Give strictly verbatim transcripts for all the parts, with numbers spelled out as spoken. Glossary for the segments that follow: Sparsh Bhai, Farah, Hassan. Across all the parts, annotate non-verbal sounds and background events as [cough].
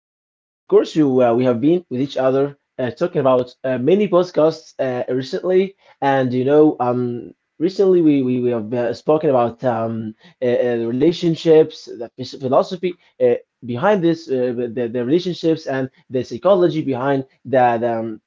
So, of course, you uh, we have been with each other uh, talking about uh, many podcasts uh, recently, and you know, um, recently we we, we have uh, spoken about um, uh, uh, relationships, the phis- philosophy uh, behind this, uh, the the relationships and the psychology behind the,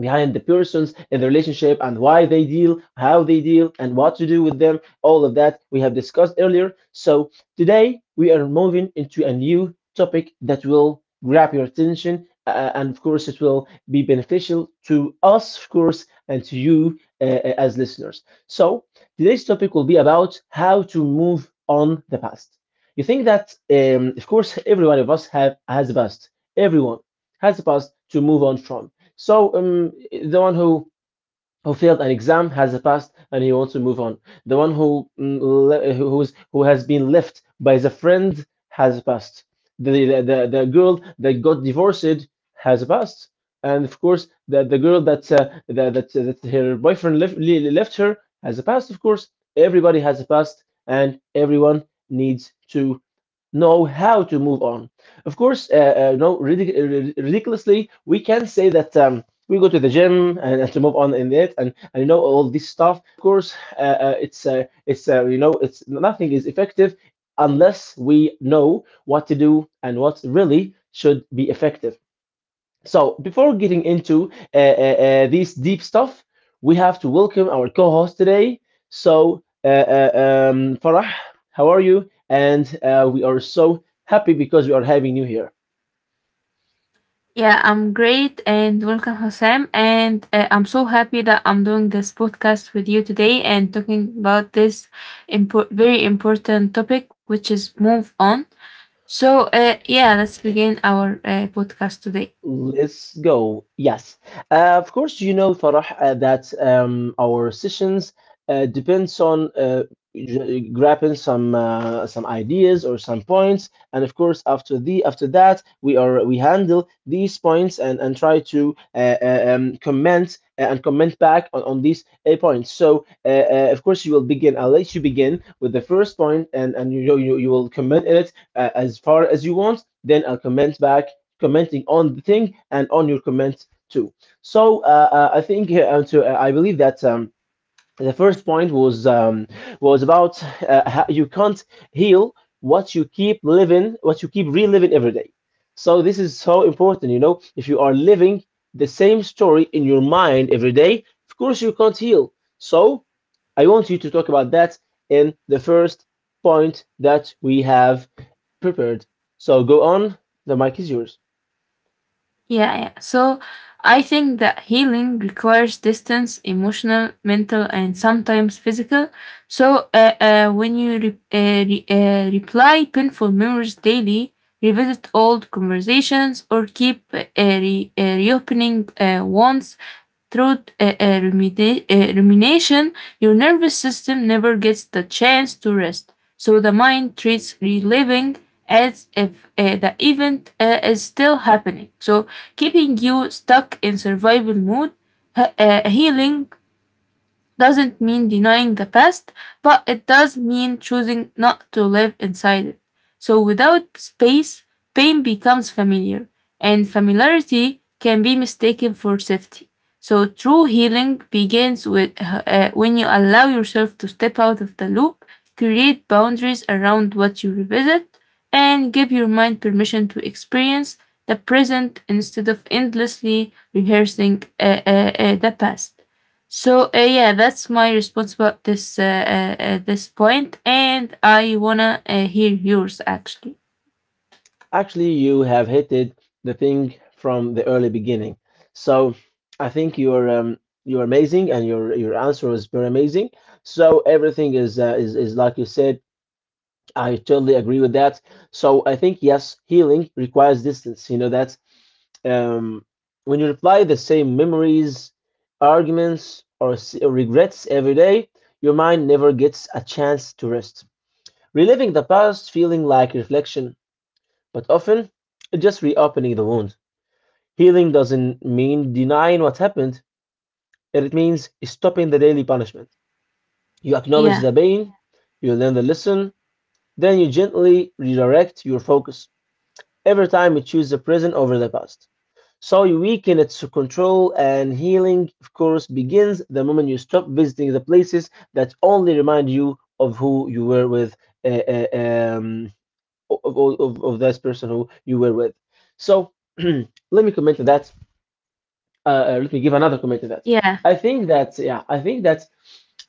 behind the persons in the relationship and why they deal, how they deal, and what to do with them. All of that we have discussed earlier. So today we are moving into a new topic that will grab your attention. Uh, uh, and of course, it will be beneficial to us, of course, and to you uh, uh, as listeners. So, today's topic will be about how to move on the past. You think that, um, of course, every one of us have has a past. Everyone has a past to move on from. So um, the one who who failed an exam has a past and he wants to move on. The one who mm, who's who has been left by the friend has a past. The the, the, the girl that got divorced has a past, and of course the, the girl that uh, that, that that her boyfriend left le- left her has a past. Of course, everybody has a past, and everyone needs to know how to move on. Of course, uh, uh, no, ridic- uh, rid- ridiculously, we can say that um, we go to the gym and, and to move on in it, and, and you know all this stuff. Of course, uh, uh, it's uh, it's uh, you know it's nothing is effective unless we know what to do and what really should be effective. So before getting into uh, uh, uh, this deep stuff, we have to welcome our co-host today. So uh, uh, um, Farah, how are you? And uh, we are so happy because we are having you here. Yeah, I'm great and welcome, Hassan. And uh, I'm so happy that I'm doing this podcast with you today and talking about this impor- very important topic, which is move on. So, uh, yeah, let's begin our uh, podcast today. Let's go. Yes. Uh, of course, you know, Farah, uh, that um, our sessions uh, depends on uh, g- grabbing some uh, some ideas or some points, and of course, after the after that, we are we handle these points and and try to uh, uh, um, comment uh, and comment back on, on these uh, points. So, uh, uh, of course, you will begin. I'll let you begin with the first point, and and you you, you will comment in it uh, as far as you want. Then I'll comment back commenting on the thing and on your comments too. So uh, uh, I think uh, uh, to, uh, I believe that um, the first point was um, was about uh, how you can't heal what you keep living, what you keep reliving every day. So this is so important, you know. If you are living the same story in your mind every day, of course you can't heal. So I want you to talk about that in the first point that we have prepared. So go on. The mic is yours. Yeah, yeah. So I think that healing requires distance, emotional, mental, and sometimes physical. So uh, uh, when you re- uh, re- uh, reply painful memories daily, revisit old conversations, or keep uh, re- uh, reopening uh, wounds through uh, uh, rumida- uh, rumination, your nervous system never gets the chance to rest. So the mind treats reliving as if uh, the event uh, is still happening. So keeping you stuck in survival mode, he- uh, healing doesn't mean denying the past, but it does mean choosing not to live inside it. So without space, pain becomes familiar, and familiarity can be mistaken for safety. So true healing begins with uh, when you allow yourself to step out of the loop, create boundaries around what you revisit, and give your mind permission to experience the present instead of endlessly rehearsing uh, uh, uh, the past. So uh, yeah, that's my response about this uh, uh, uh, this point, and I wanna uh, hear yours actually. Actually, you have hit it the thing from the early beginning. So I think you're um, you're amazing, and your your answer was very amazing. So everything is uh, is is like you said. I totally agree with that. So I think yes, healing requires distance. You know that um, when you reply the same memories, arguments, or, s- or regrets every day, your mind never gets a chance to rest. Reliving the past, feeling like reflection but often, it's just reopening the wound. Healing doesn't mean denying what happened, it means stopping the daily punishment. You acknowledge Yeah, the pain, you learn the lesson, then you gently redirect your focus. Every time you choose the present over the past. So you weaken its control, and healing, of course, begins the moment you stop visiting the places that only remind you of who you were with uh, uh, um, of of, of this person who you were with. So [clears throat] let me comment to that. Uh, uh, let me give another comment to that. yeah, I think that yeah, I think that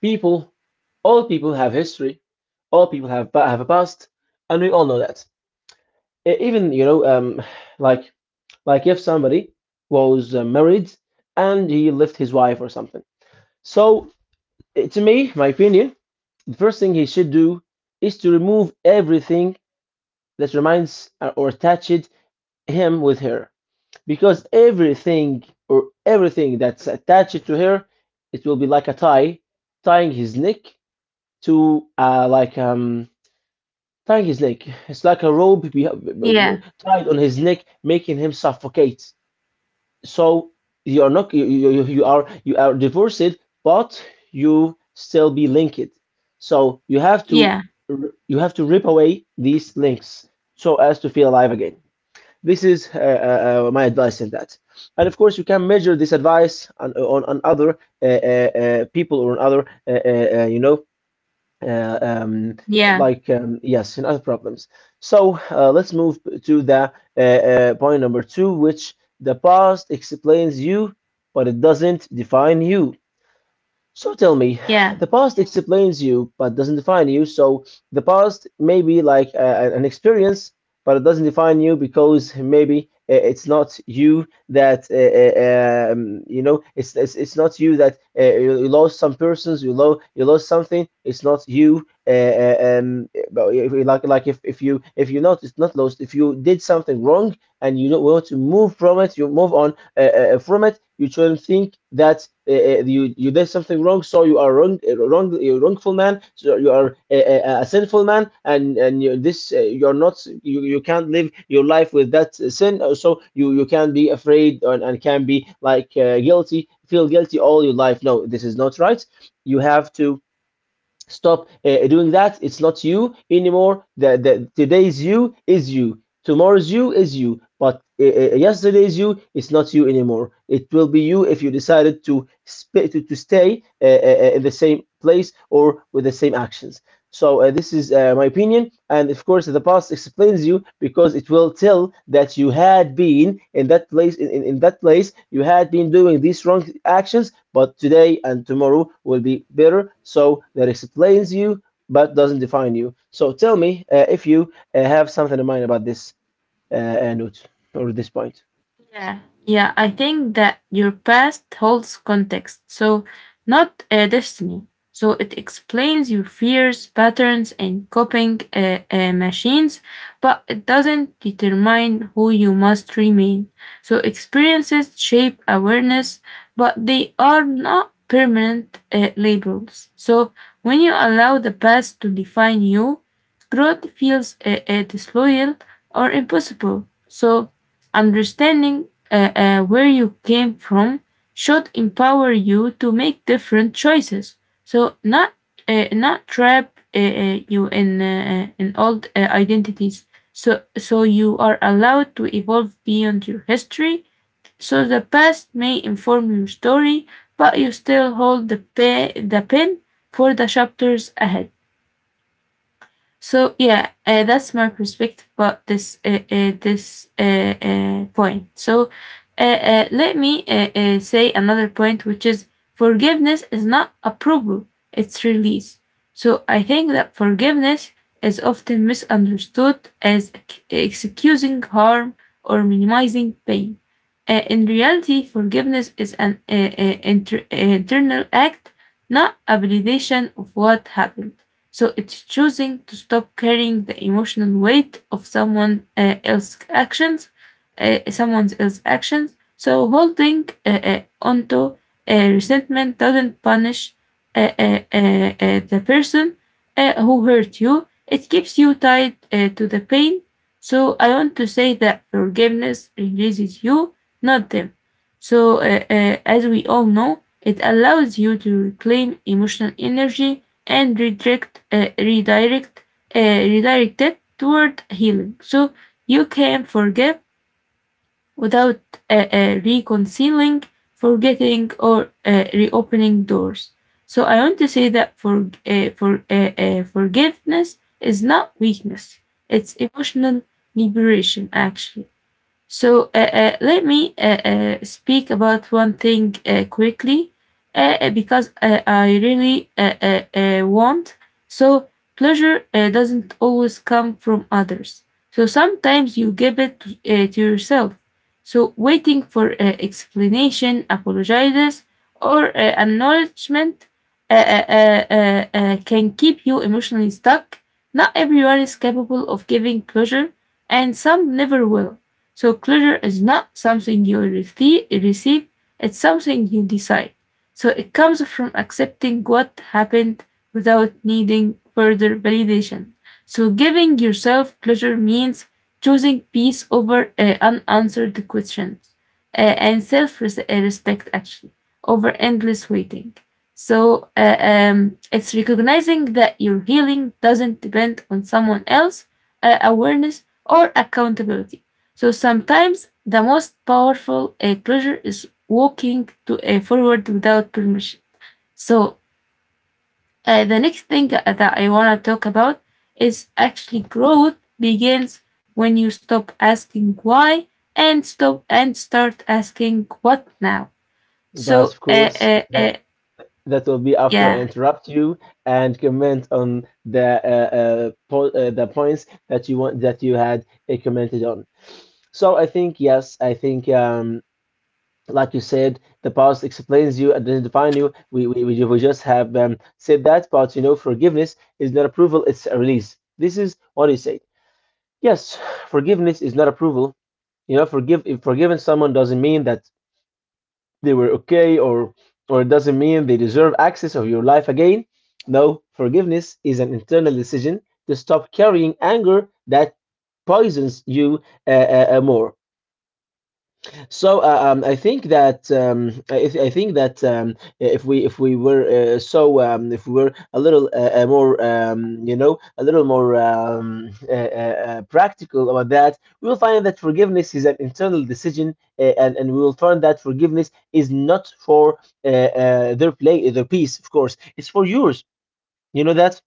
people, all people have history, all people have have a past, and we all know that. E- Even you know, um, like like if somebody was uh, married and he left his wife or something. So eh, to me, my opinion, the first thing he should do is to remove everything that reminds uh, or attached him with her. Because everything or everything that's attached to her, it will be like a tie, tying his neck to uh, like um tying his neck. It's like a rope be- yeah, tied on his neck, making him suffocate. So you are not you, you, you you are you are divorced, but you still be linked. So you have to yeah, you have to rip away these links so as to feel alive again. This is uh, uh, uh, my advice in that. And of course, you can measure this advice on on, on other uh, uh, uh, people or on other uh, uh, uh, you know uh, um, yeah, like um, yes in other problems. So uh, let's move to the uh, uh, point number two, which the past explains you, but it doesn't define you. So tell me, yeah. the past explains you but doesn't define you. So the past may be like uh, a, an experience, but it doesn't define you because maybe uh, it's not you that uh, uh, um, you know. It's, it's it's not you that uh, you, you lost some persons. You lost you lost something. It's not you. Uh, uh, um, but if, like like if, if you if you not it's not lost. If you did something wrong and you don't want to move from it, you move on uh, uh, uh, from it. You shouldn't think that uh, uh, you you did something wrong, so you are wrong, uh, wrong, you're wrongful man. So you are a, a, sinful man, and and you, this uh, you're not. You, you can't live your life with that sin. uh, So you you can be afraid and, and can be like uh, guilty, feel guilty all your life. No, this is not right. You have to stop uh, doing that. It's not you anymore. The, the today's you is you, tomorrow's you is you, but uh, uh, yesterday's you is not you anymore. It will be you if you decided to sp- to, to stay uh, uh, uh, in the same place or with the same actions. So uh, this is uh, my opinion, and of course the past explains you because it will tell that you had been in that place. In, in, in that place, you had been doing these wrong actions, but today and tomorrow will be better. So that explains you, but doesn't define you. So tell me uh, if you uh, have something in mind about this uh, uh, note or this point. Yeah, yeah. I think that your past holds context, so not uh, destiny. So it explains your fears, patterns, and coping uh, uh, machines, but it doesn't determine who you must remain. So experiences shape awareness, but they are not permanent uh, labels. So when you allow the past to define you, growth feels uh, uh, disloyal or impossible. So understanding uh, uh, where you came from should empower you to make different choices. So not uh, not trap uh, uh, you in uh, uh, in old uh, identities. So so you are allowed to evolve beyond your history. So the past may inform your story, but you still hold the pe- the pen for the chapters ahead. So yeah, uh, that's my perspective about this uh, uh, this uh, uh, point. So uh, uh, let me uh, uh, say another point, which is forgiveness is not approval; it's release. So I think that forgiveness is often misunderstood as excusing harm or minimizing pain. Uh, in reality, forgiveness is an uh, uh, inter- uh, internal act, not a validation of what happened. So it's choosing to stop carrying the emotional weight of someone uh, else's actions, uh, someone else's actions. So holding uh, uh, onto uh, resentment doesn't punish uh, uh, uh, uh, the person uh, who hurt you. It keeps you tied uh, to the pain. So I want to say that forgiveness releases you, not them. So uh, uh, as we all know, it allows you to reclaim emotional energy and redirect, uh, redirect, uh, redirected toward healing. So you can forgive without uh, uh, reconciling, forgetting, or uh, reopening doors. So I want to say that for uh, for uh, uh, forgiveness is not weakness; it's emotional liberation, actually. So uh, uh, let me uh, uh, speak about one thing uh, quickly uh, uh, because uh, I really uh, uh, uh, want. So pleasure uh, doesn't always come from others. So sometimes you give it to, uh, to yourself. So waiting for uh, explanation, apologizes, or uh, acknowledgement uh, uh, uh, uh, uh, can keep you emotionally stuck. Not everyone is capable of giving pleasure, and some never will. So pleasure is not something you receive, it's something you decide. So it comes from accepting what happened without needing further validation. So giving yourself pleasure means choosing peace over uh, unanswered questions uh, and self-respect actually over endless waiting. So uh, um, it's recognizing that your healing doesn't depend on someone else, uh, awareness or accountability. So sometimes the most powerful uh, pleasure is walking to a forward without permission. So uh, the next thing that I want to talk about is actually growth begins when you stop asking why and stop and start asking what now. But So of uh, course, uh, that. uh, That will be after I yeah, interrupt you and comment on the uh, uh, po uh, the points that you want that you had uh, commented on. So I think yes, I think um, like you said, the past explains you, identifying you. We we we, ju- we just have um, said that, but you know, forgiveness is not approval; it's a release. This is what he said. Yes, forgiveness is not approval. You know, forgive If forgiving someone doesn't mean that they were okay or or it doesn't mean they deserve access of your life again. No, forgiveness is an internal decision to stop carrying anger that poisons you uh, uh, uh, more. So uh, um, I think that um, I, I think that um, if we if we were uh, so um, if we were a little uh, uh, more um, you know a little more um, uh, uh, uh, practical about that, we will find that forgiveness is an internal decision, uh, and and we will find that forgiveness is not for uh, uh, their play their peace, of course, it's for yours. You know that,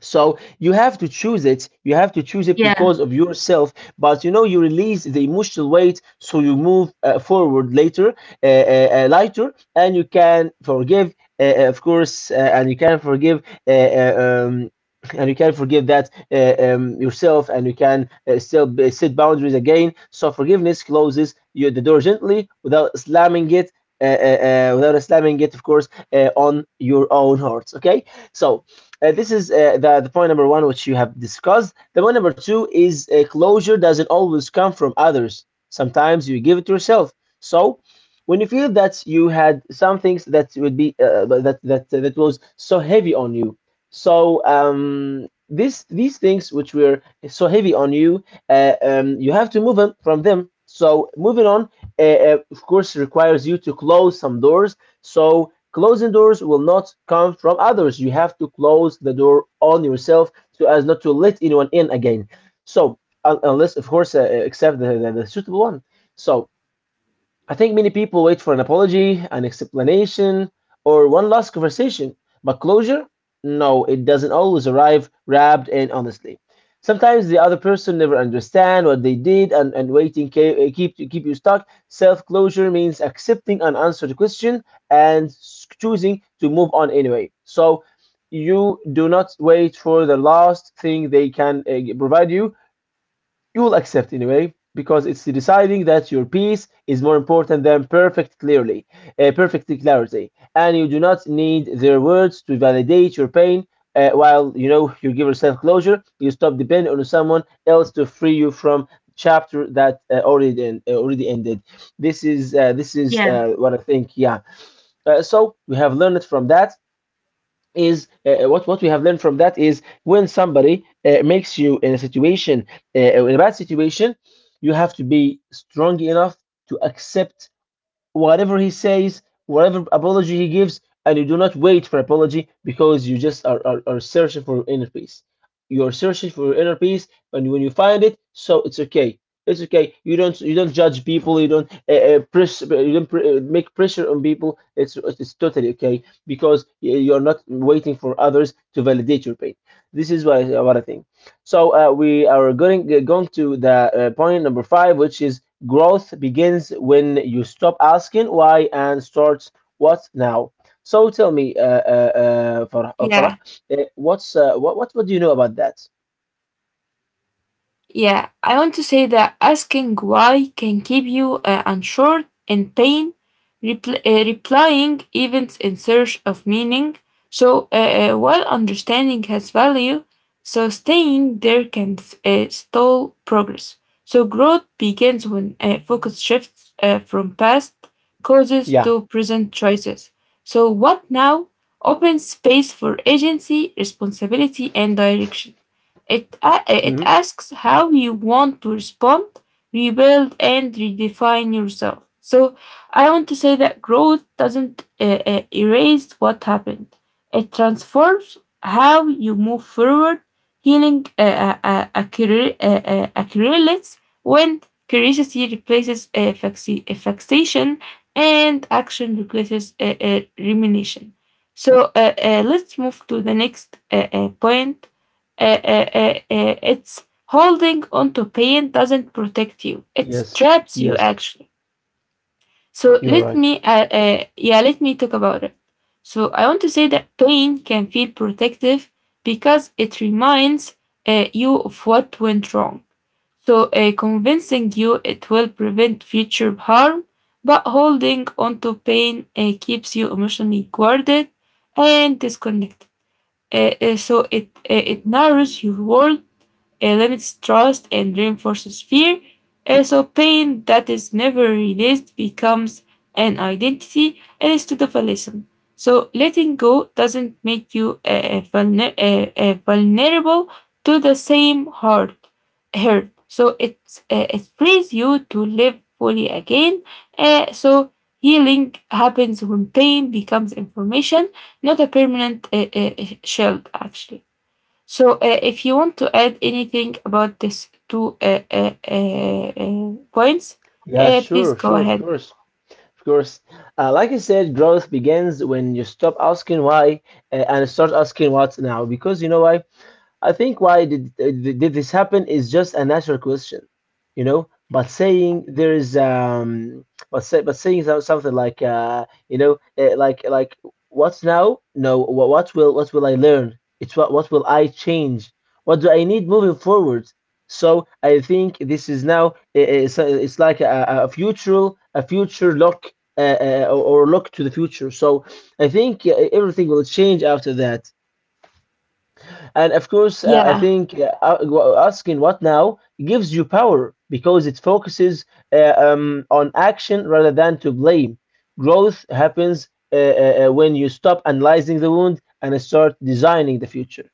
so you have to choose it. You have to choose it yeah, because of yourself. But you know, you release the emotional weight, so you move uh, forward later, uh, uh, uh, lighter, and you can forgive, uh, uh, of course, uh, and you can forgive, uh, uh, um, and you can forgive that uh, um, yourself, and you can uh, still b- set boundaries again. So forgiveness closes you the door gently without slamming it. Uh, uh, uh, without slamming it, of course, uh, on your own hearts. Okay, so uh, this is uh, the, the point number one, which you have discussed. The point number two is uh, closure doesn't always come from others. Sometimes you give it to yourself. So, when you feel that you had some things that would be uh, that that that was so heavy on you, so um, this these things which were so heavy on you, uh, um, you have to move on from them. So moving on, uh, uh, of course, requires you to close some doors. So closing doors will not come from others. You have to close the door on yourself so as not to let anyone in again. So, unless, of course, uh, uh, except the, the, the suitable one. So, I think many people wait for an apology, an explanation, or one last conversation, but closure? No, it doesn't always arrive wrapped and honestly. Sometimes the other person never understand what they did, and, and waiting ca- eh, keep keep you stuck. Self closure means accepting an unanswered question and s- choosing to move on anyway. So you do not wait for the last thing they can uh, provide you you will accept anyway, because it's deciding that your peace is more important than perfect clearly uh, perfect clarity, and you do not need their words to validate your pain. Uh, while you know you give yourself closure, you stop depending on someone else to free you from chapter that uh, already en- uh, already ended. This is uh, this is yeah, uh, what I think. Yeah, uh, so we have learned from that is uh, uh, what what we have learned from that is, when somebody uh, makes you in a situation, uh, in a bad situation, you have to be strong enough to accept whatever he says, whatever apology he gives, and you do not wait for apology, because you just are, are, are searching for inner peace. You're searching for your inner peace, and when you find it, so it's okay. It's okay. You don't you don't judge people. You don't uh, uh, press. You don't pr- uh, make pressure on people. It's it's totally okay, because you're not waiting for others to validate your pain. This is what I, what I think. So uh, we are going eh, going to the uh, point number five, which is: growth begins when you stop asking why and start what now. So tell me, uh, uh, uh, Farah, uh, Farah, yeah. uh, what's uh, what, what what do you know about that? Yeah, I want to say that asking why can keep you uh, unsure and pain, repl- uh, replying events in search of meaning. So, uh, uh, while understanding has value, so staying there can uh, stall progress. So growth begins when uh, focus shifts uh, from past causes Yeah. to present choices. So what now opens space for agency, responsibility, and direction. It, a- it Hmm. asks how you want to respond, rebuild, and redefine yourself. So I want to say that growth doesn't uh, uh, erase what happened, it transforms how you move forward. Healing uh, uh, uh, accumul- uh, uh, accumulates when curiosity replaces uh, faxi- uh, fixation and action replaces uh, uh, rumination. So uh, uh, let's move to the next uh, uh, point. Uh, uh, uh, uh, it's holding onto pain doesn't protect you, it Yes. traps you Yes. actually. So You're let right. me uh, uh, yeah, let me talk about it. So I want to say that pain can feel protective because it reminds uh, you of what went wrong, so uh, convincing you it will prevent future harm, but holding onto pain uh, keeps you emotionally guarded and disconnected. Uh, uh, so it uh, it narrows your world, it limits trust and reinforces fear. Uh, so pain that is never released becomes an identity instead of a lesson. So letting go doesn't make you uh, vulner- uh, uh, vulnerable to the same hurt. hurt. So it uh, it frees you to live fully again. Uh, so healing happens when pain becomes information, not a permanent uh, uh, shield, actually. So, uh, if you want to add anything about these two uh, uh, uh, uh, points, Yeah. uh, please Sure. go Sure. Of ahead. course. Of course. Uh, like I said, growth begins when you stop asking why uh, and start asking what now. Because you know why? I think why did did this happen is just a natural question, you know. But saying there is um, but say but saying so- something like uh, you know, eh, like like what's now? No, what what will what will I learn? It's what what will I change? What do I need moving forward? So I think this is now, eh, eh, so it's like a, a a future, a future look, uh, uh, or or look to the future. So I think, eh, everything will change after that. And of course, uh, I Yeah, think uh, a- asking what now, gives you power, because it focuses uh, um, on action rather than to blame. Growth happens uh, uh, uh, when you stop analyzing the wound and start designing the future.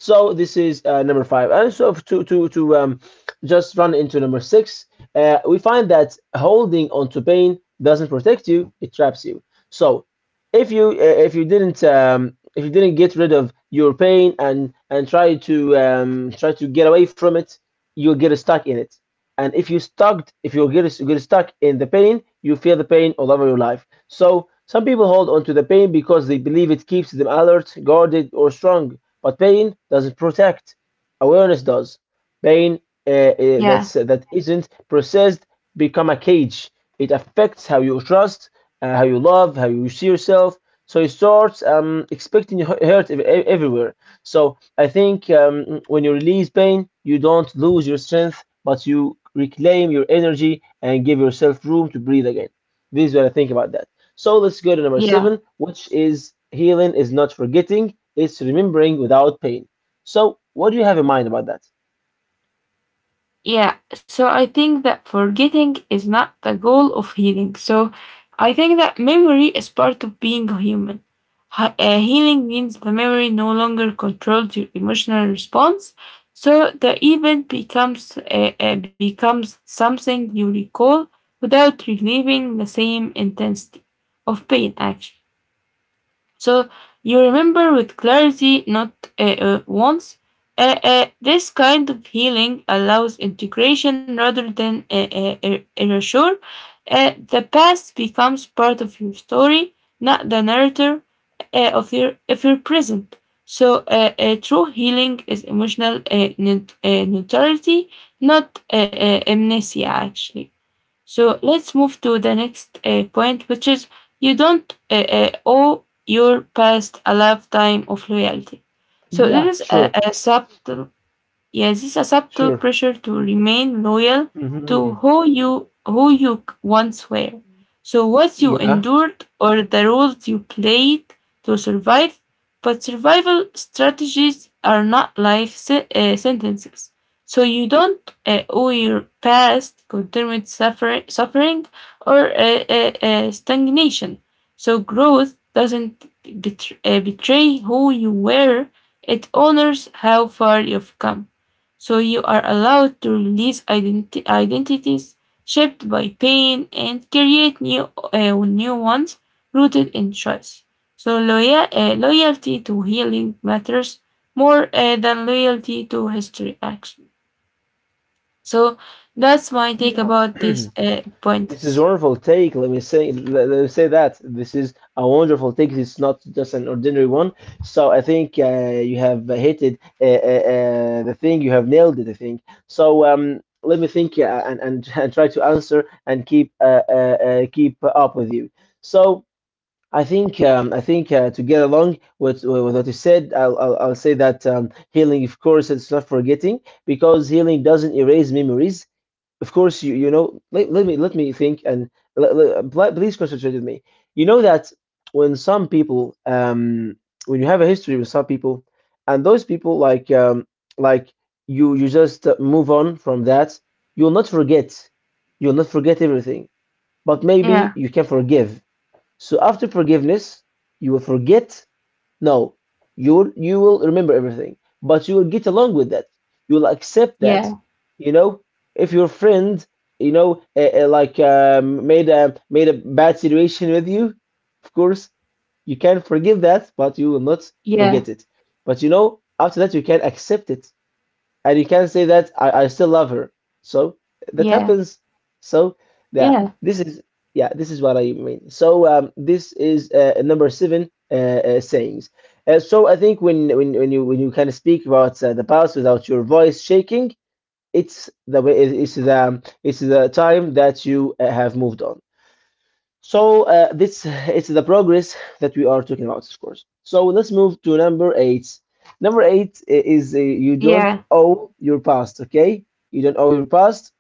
So this is uh, number five. And so to to to um, just run into number six, uh, we find that holding onto pain doesn't protect you; it traps you. So if you, uh, if you didn't um, if you didn't get rid of your pain and and try to um, try to get away from it, you'll get stuck in it. And if you stuck, if you get get stuck in the pain, you feel the pain all over your life. So some people hold on to the pain because they believe it keeps them alert, guarded, or strong, but pain doesn't protect. Awareness does. Pain uh, uh, yeah, that's uh, that isn't processed become a cage. It affects how you trust, uh, how you love, how you see yourself. So you start um, expecting hurt ev- everywhere. So I think, um, when you release pain, you don't lose your strength, but you reclaim your energy and give yourself room to breathe again. This is what I think about that. So let's go to number yeah. seven, which is: healing is not forgetting, it's remembering without pain. So, what do you have in mind about that? Yeah, so I think that forgetting is not the goal of healing. So I think that memory is part of being a human. Hi- uh, healing means the memory no longer controls your emotional response. So the event becomes uh, uh, becomes something you recall without relieving the same intensity of pain, actually. So you remember with clarity, not uh, uh, once. Uh, uh, this kind of healing allows integration rather than uh, uh, er- erasure. Uh, the past becomes part of your story, not the narrator uh, of your of your present. So uh, uh, true healing is emotional uh, neut- uh, neutrality, not uh, uh, amnesia, actually. So let's move to the next uh, point, which is you don't uh, uh, owe your past a lifetime of loyalty. So Yeah, this is a, sure, a subtle. Yes, it's a subtle sure. pressure to remain loyal Hmm. to who you who you c- once were. So what you Yeah, endured or the roles you played to survive, but survival strategies are not life se- uh, sentences. So you don't uh, owe your past continued suffer- suffering or uh, uh, uh, stagnation. So growth doesn't betr- uh, betray who you were. It honors how far you've come. So you are allowed to release identi- identities shaped by pain and create new uh, new ones rooted in choice. So loyal, uh, loyalty to healing matters more uh, than loyalty to history action. So that's my take yeah. about [clears throat] these uh, This is a points. wonderful take. Let me say let, let me say that this is a wonderful take. It's not just an ordinary one. So I think uh, you have hit it, uh, uh, uh, the thing. You have nailed it, I think. So um, let me think uh, and, and [laughs] and try to answer and keep uh, uh, uh, keep up with you. So I think, um, I think uh, to get along with, with what you said, I'll, I'll, I'll say that, um, healing, of course, it's not forgetting, because healing doesn't erase memories. Of course, you you know. Let, let me let me think, and le- le- pl- please concentrate with me. You know that when some people, um, when you have a history with some people, and those people like, um, like you you just uh, move on from that, you'll not forget. You'll not forget everything, but maybe Yeah, you can forgive. So after forgiveness, you will forget, no, you will, you will remember everything, but you will get along with that. You will accept that. yeah, You know, if your friend, you know, uh, uh, like um, made a made a bad situation with you, of course you can forgive that, but you will not yeah, forget it. But you know, after that you can accept it, and you can say that I, I still love her. So that yeah, happens. So yeah, yeah, this is, yeah, this is what I mean. So um, this is uh, number seven uh, uh, sayings. Uh, so I think when when when you when you kind of speak about uh, the past without your voice shaking, it's the way, it's the it's the time that you uh, have moved on. So uh, this [laughs] it's the progress that we are talking about, of course. So let's move to number eight. Number eight is, uh, you don't yeah, owe your past. Okay, you don't owe your past,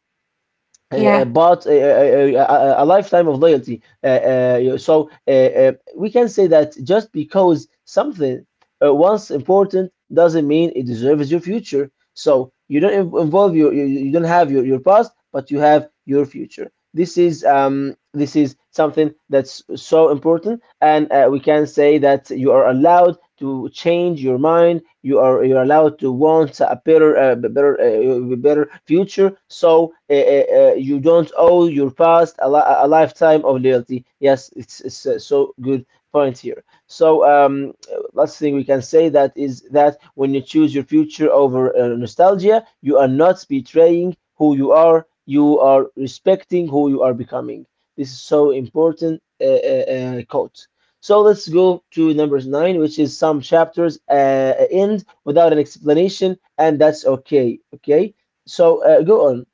uh, yeah, uh, but uh, uh, uh, a, a lifetime of loyalty. Uh, uh, so uh, uh, we can say that just because something, uh, once important, doesn't mean it deserves your future. So you don't inv- involve your you, you don't have your, your past, but you have your future. This is, um this is something that's so important, and uh, we can say that you are allowed to change your mind. You are you're allowed to want a better, uh, better, uh, uh, better future. So uh, uh, uh, you don't owe your past a, li- a lifetime of loyalty. Yes, it's, it's uh, so good point here. So um, uh, last thing, we can say that is that when you choose your future over uh, nostalgia, you are not betraying who you are. You are respecting who you are becoming. This is so important uh, uh, uh, quote. So let's go to number nine, which is: some chapters uh, end without an explanation, and that's okay. Okay. So uh, go on.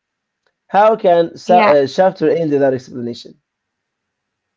How can sa yeah. uh, chapter end without explanation?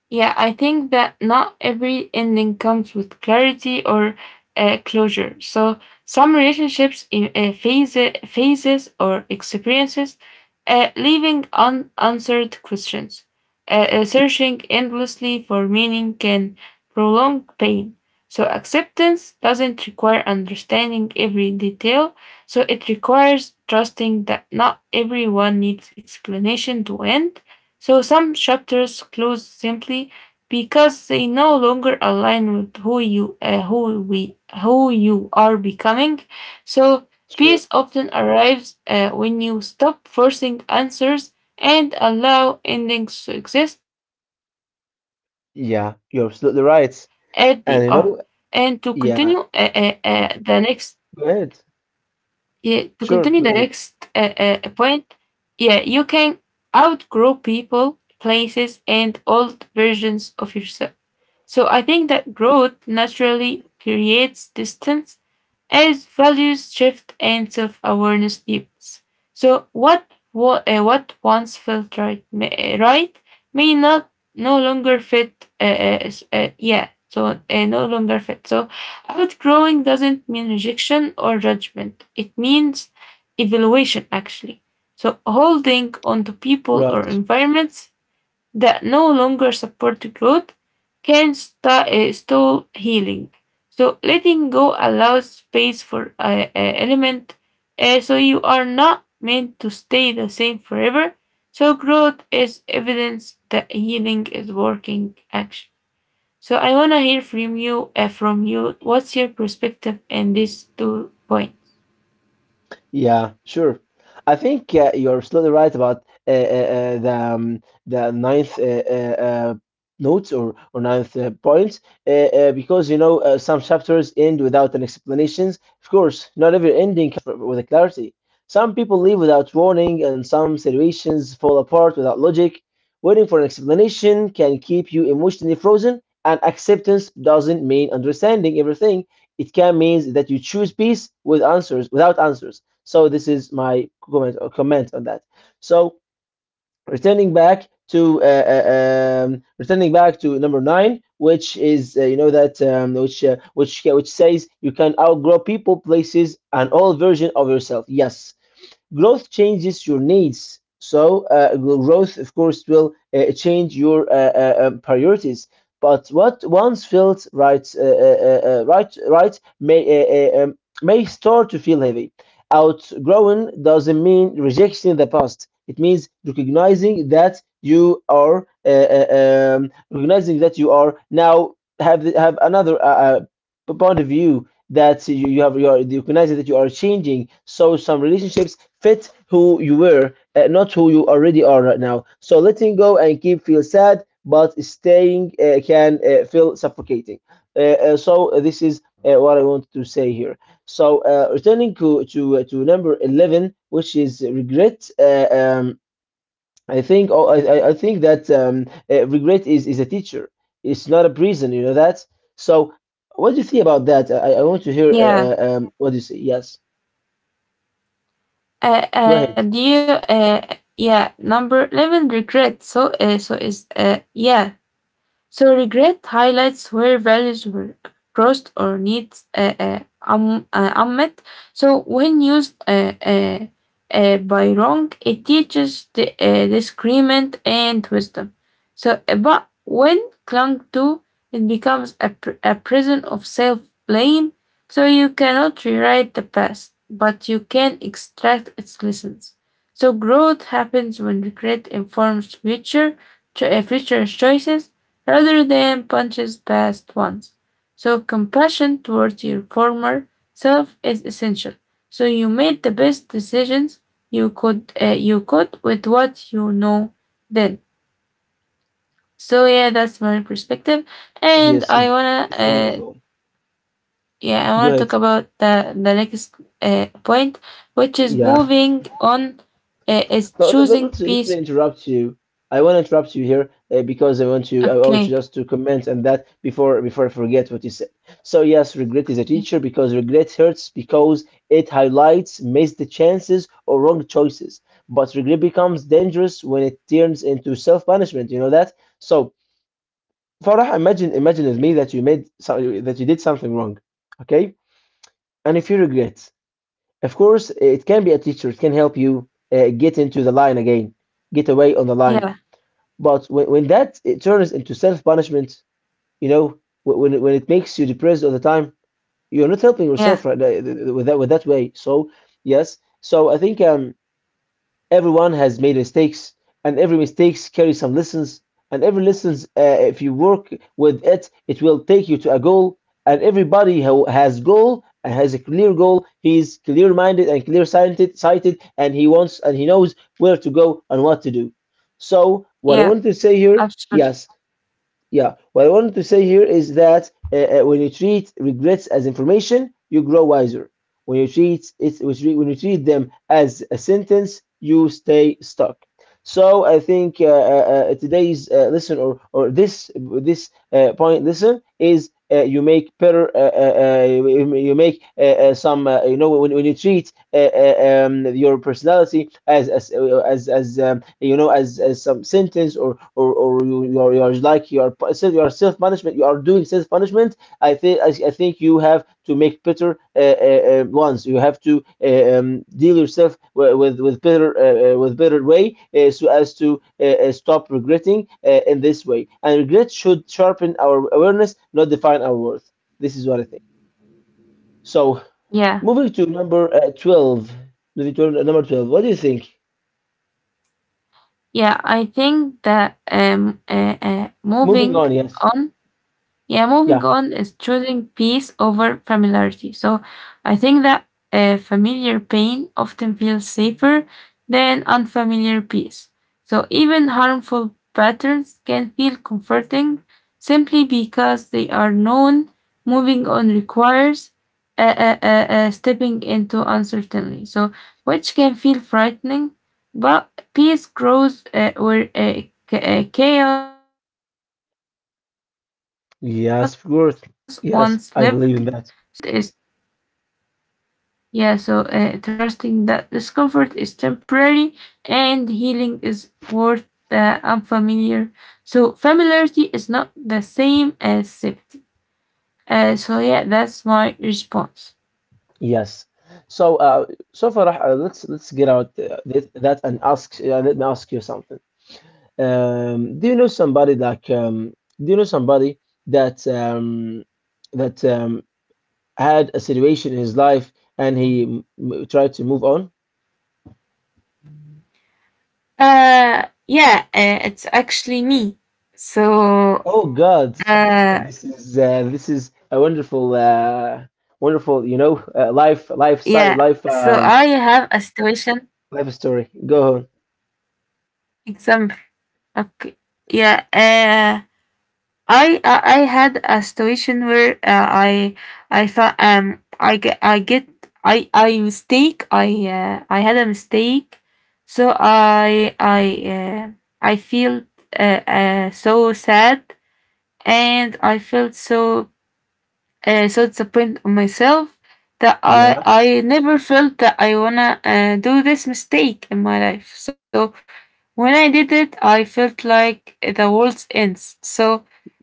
Yeah, I think that not every ending comes with clarity or uh, closure. So some relationships in uh, phase, phases or experiences, uh, leaving unanswered questions. Uh, uh, searching endlessly for meaning can prolong pain. So acceptance doesn't require understanding every detail. So it requires trusting that not everyone needs explanation to end, so some chapters close simply because they no longer align with who you uh, who we who you are becoming. So Sure. peace often arrives uh, when you stop forcing answers and allow endings to exist as they are, and Yeah, to you're absolutely continue uh, right. uh, uh, And you the know, next. yeah, go ahead. yeah, to continue the next Sure, uh, go ahead. uh, point. Yeah, you can outgrow people, places, and old versions of yourself. So I think that growth naturally creates distance as values shift and self awareness deepens. So what wa- uh, what once felt right may, right may not no longer fit. Uh, uh, s- uh, yeah, so uh, no longer fit. So outgrowing doesn't mean rejection or judgment. It means evaluation actually. So holding onto people or Right. environments that no longer support growth can sta- uh, stall healing. So letting go allows space for uh, uh, element, uh, so you are not meant to stay the same forever. So growth is evidence that healing is working action. So I wanna hear from you. Uh, from you, what's your perspective in these two points? Yeah, sure. I think uh, you're absolutely right about uh, uh, uh, the um, the ninth uh, uh, uh, notes or or ninth uh, points, uh, uh, because you know, uh, some chapters end without an explanations. Of course, not every ending comes with a clarity. Some people leave without warning, and some situations fall apart without logic. Waiting for an explanation can keep you emotionally frozen, and acceptance doesn't mean understanding everything. It can mean that you choose peace with answers, without answers. So this is my comment, or comment on that. So returning back to, uh, uh, um, returning back to number nine, which is, uh, you know that, um, which uh, which which says you can outgrow people, places, and all version of yourself. Yes, growth changes your needs. So uh, growth, of course, will uh, change your uh, uh, uh, priorities. But what once felt right, uh, uh, uh, uh, right, right may, uh, uh, um, may start to feel heavy. Outgrowing doesn't mean rejecting the past. It means recognizing that you are uh, uh, um, recognizing that you are now have have another uh, uh, point of view that you, you have you are you that you are changing, so some relationships fit who you were, uh, not who you already are right now. So letting go and keep feel sad, but staying uh, can uh, feel suffocating. uh, uh, so this is uh, what I want to say here. So uh, returning to to, uh, to number eleven, which is regret. uh, um, I think oh, I, I I think that um, uh, regret is, is a teacher. It's not a prison, you know that. So, what do you think about that? I, I want to hear uh, Yeah. uh, um, what do you say. Yes, Uh, go uh, do ahead. you? Uh, yeah. Number eleven, regret. So, uh, so is uh, yeah. So regret highlights where values were crossed or needs uh, uh, um uh, unmet. So when used uh, uh, uh, by wrong, it teaches the, uh, discernment and wisdom. So, uh, but when clung to, it becomes a, pr- a prison of self blame. So you cannot rewrite the past, but you can extract its lessons. So growth happens when regret informs future, cho- uh, future choices rather than punches past ones. So, compassion towards your former self is essential. So, you made the best decisions you could uh, you could with what you know then. So, yeah, that's my perspective, and Yes, I wanna it's uh, wonderful. yeah, I Go wanna talk ahead. about the the next uh, point, which is Yeah. moving on uh, is No, let, let, choosing let let me peace. interrupt you. I want to interrupt you here uh, because I want you. I want you Okay. just to comment on that before before I forget what you said. So yes, regret is a teacher because regret hurts because it highlights missed chances or wrong choices. But regret becomes dangerous when it turns into self-punishment. You know that. So Farah, imagine imagine with me that you made so, that you did something wrong, okay? And if you regret, of course, it can be a teacher. It can help you uh, get into the line again, get away on the line. Yeah. But when, when that it turns into self punishment, you know, wh- when it- when it makes you depressed all the time, you're not helping yourself Yeah. right, uh, th- th- with that with that way. So yes, so I think um everyone has made mistakes, and every mistakes carry some lessons. And every lessons, uh, if you work with it, it will take you to a goal. And everybody who has goal and has a clear goal, he's clear-minded and clear-sighted, sighted, and he wants and he knows where to go and what to do. So what I Yeah. want to say here, Absolutely. yes, yeah, what I wanted to say here is that uh, uh, when you treat regrets as information, you grow wiser. When you treat it, when you treat them as a sentence, you stay stuck. So I think uh, uh, uh, today's uh, lesson, or or this this uh, point lesson, is uh, you make better. Uh, uh, uh, you you make uh, uh, some. Uh, you know, when, when you treat uh, uh, um, your personality as as uh, as, as um, you know as, as some sentence or or, or you, you are you are like you are self- you are self punishment you are doing self punishment. I think I, I think you have to make better uh, uh, uh, ones. You have to uh, um, deal yourself wi- with with better uh, uh, with better way uh, so as to uh, uh, stop regretting uh, in this way. And regret should sharpen our awareness, not define our worth. This is what I think. So Yeah. moving to number uh, twelve, moving to number twelve, what do you think? Yeah, I think that um, uh, uh, Moving moving on, yes. on yeah, moving Yeah, on is choosing peace over familiarity. So I think that uh, familiar pain often feels safer than unfamiliar peace. So even harmful patterns can feel comforting simply because they are known. Moving on requires uh, uh, uh, uh, stepping into uncertainty, so which can feel frightening, but peace grows uh, where uh, ca- uh, chaos once lived, so choosing peace yes, of mean, course. means Yes, trusting I that believe in that. discomfort is yeah. So uh, trusting that discomfort is temporary and healing is worth the unfamiliar. So familiarity is not the same as safety. Uh, so yeah, that's my response. Yes. So, uh, so Farah, uh, let's let's get out uh, that, that and ask. Uh, let me ask you something. Um, do you know somebody like? Um, do you know somebody that um, that um, had a situation in his life and he m m- tried to move on? Uh, yeah, uh, it's actually me. So Oh God, uh, this is uh, this is a wonderful, yeah. uh, So wonderful, I you know, have uh, a life, situation lifestyle, life, um, life story. Go on. example. Okay. Yeah. Uh, I I I had a situation where uh, I I thought um I get I get I I mistake I uh, I had a mistake, so I I uh, I feel uh, uh, so sad and I felt so uh, so disappointed on myself that I Yeah, I never felt that I wanna uh, do this mistake in my life. So when I did it, I felt like the world ends. So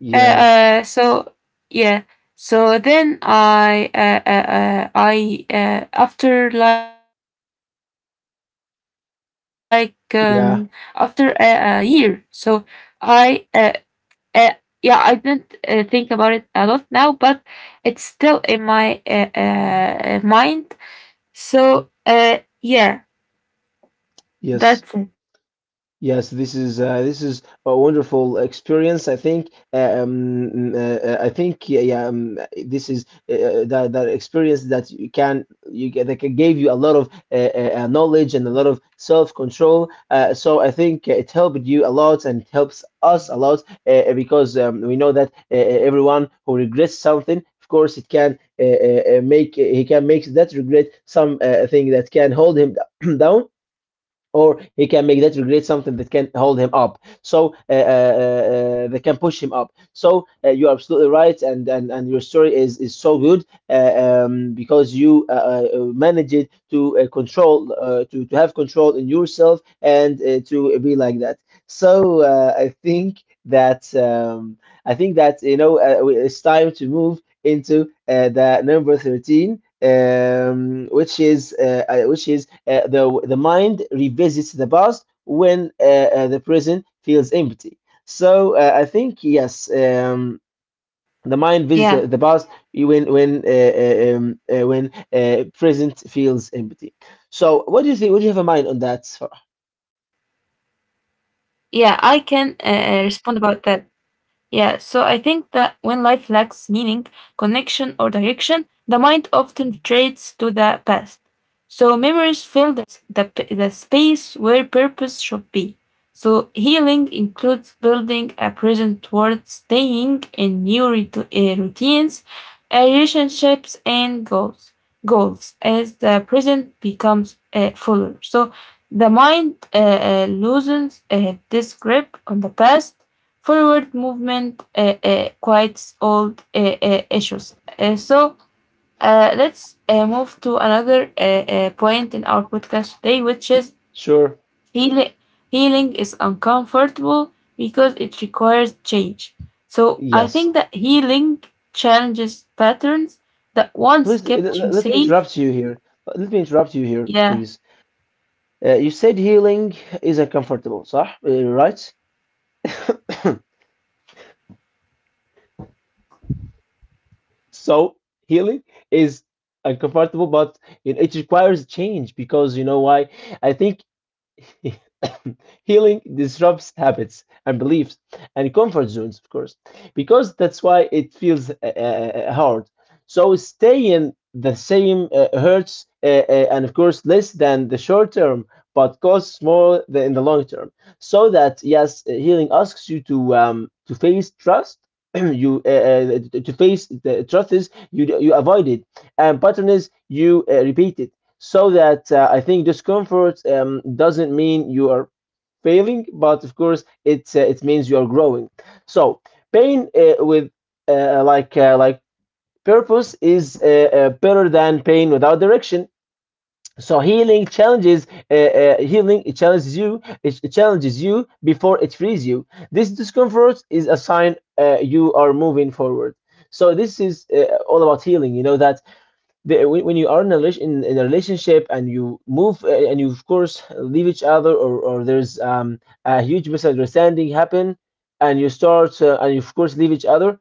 uh, uh, so yeah, so then I uh, uh, uh, I uh, after like um after a, a year, so yeah. i uh, uh yeah, I didn't uh, think about it a lot now, but it's still in my uh, uh, mind, so uh yeah, that's Yes. it. Yes, this is uh, this is a wonderful experience. I think um, mm, uh, uh, I think yeah, yeah um, this is uh, uh, that that experience that you can you get that can gave you a lot of uh, uh, uh, knowledge and a lot of self control. Uh, so I think it helped you a lot and it helps us a lot uh, uh, because um, we know that uh, uh, everyone who regrets something. Of course, it can uh, uh, uh, make he can make that regret some uh, thing that can hold him [clears throat] down or he can make that regret something that can hold him up so uh, uh, uh, they can push him up so uh, you're absolutely right and, and and your story is is so good uh, um, because you uh, uh, managed to uh, control uh, to, to have control in yourself and uh, to be like that so uh, I think that um, I think that you know uh, we- it's time to move into uh, the number thirteen um, which is uh, uh, which is uh, the the mind revisits the past when uh, uh, the present feels empty. So uh, I think yes, um, the mind visits the, Yeah, the past when when uh, uh, um, uh, when uh, present feels empty. So what do you think? What do you have a mind on that? yeah, I Farah? can uh, uh, respond about that. Yeah, so I think that when life lacks meaning, connection, or direction, the mind often retreats to the past. So memories fill the, the, p- the space where purpose should be. So healing includes building a present towards staying in new rit- uh, routines, uh, relationships, and goals. Goals as the present becomes uh, fuller. So the mind uh, uh, loosens uh, this grip on the past. Forward movement uh, uh, quiets old uh, uh, issues. Uh, so uh, let's uh, move to another uh, uh, point in our podcast today, which is Sure. healing. Healing is uncomfortable because it requires change. So I Yes. think that healing challenges patterns that once Please l- kept l- you let me safe. interrupt you here. Let me interrupt you here, Yeah, please. Uh, you said healing is uncomfortable, صح? Uh, right? [coughs] So healing is uncomfortable, but it, it requires change because you know why? I think [coughs] [laughs] healing disrupts habits and beliefs and comfort zones, of course, because that's why it feels uh, uh, uh, hard. So staying the same uh, hurts, uh, uh, and of course, less than the short term, but costs more than in the long term. So that yes, uh, healing asks you to um, to face trust. [coughs] [clears throat] you uh, uh, to to face the truth is you you avoid it, and pattern is you uh, repeat it so that uh, I think discomfort um, doesn't mean you are failing, but of course it uh, it means you are growing. So pain uh, with uh, like uh, like purpose is uh, uh, better than pain without direction. So healing challenges uh, uh, healing it challenges you it it challenges you before it frees you. This discomfort is a sign uh, you are moving forward. So this is uh, all about healing. You know that the, when, when you are in a, relas- in, in a relationship and you move uh, and you of course leave each other or, or there's um, a huge misunderstanding happen and you start uh, and you of course leave each other,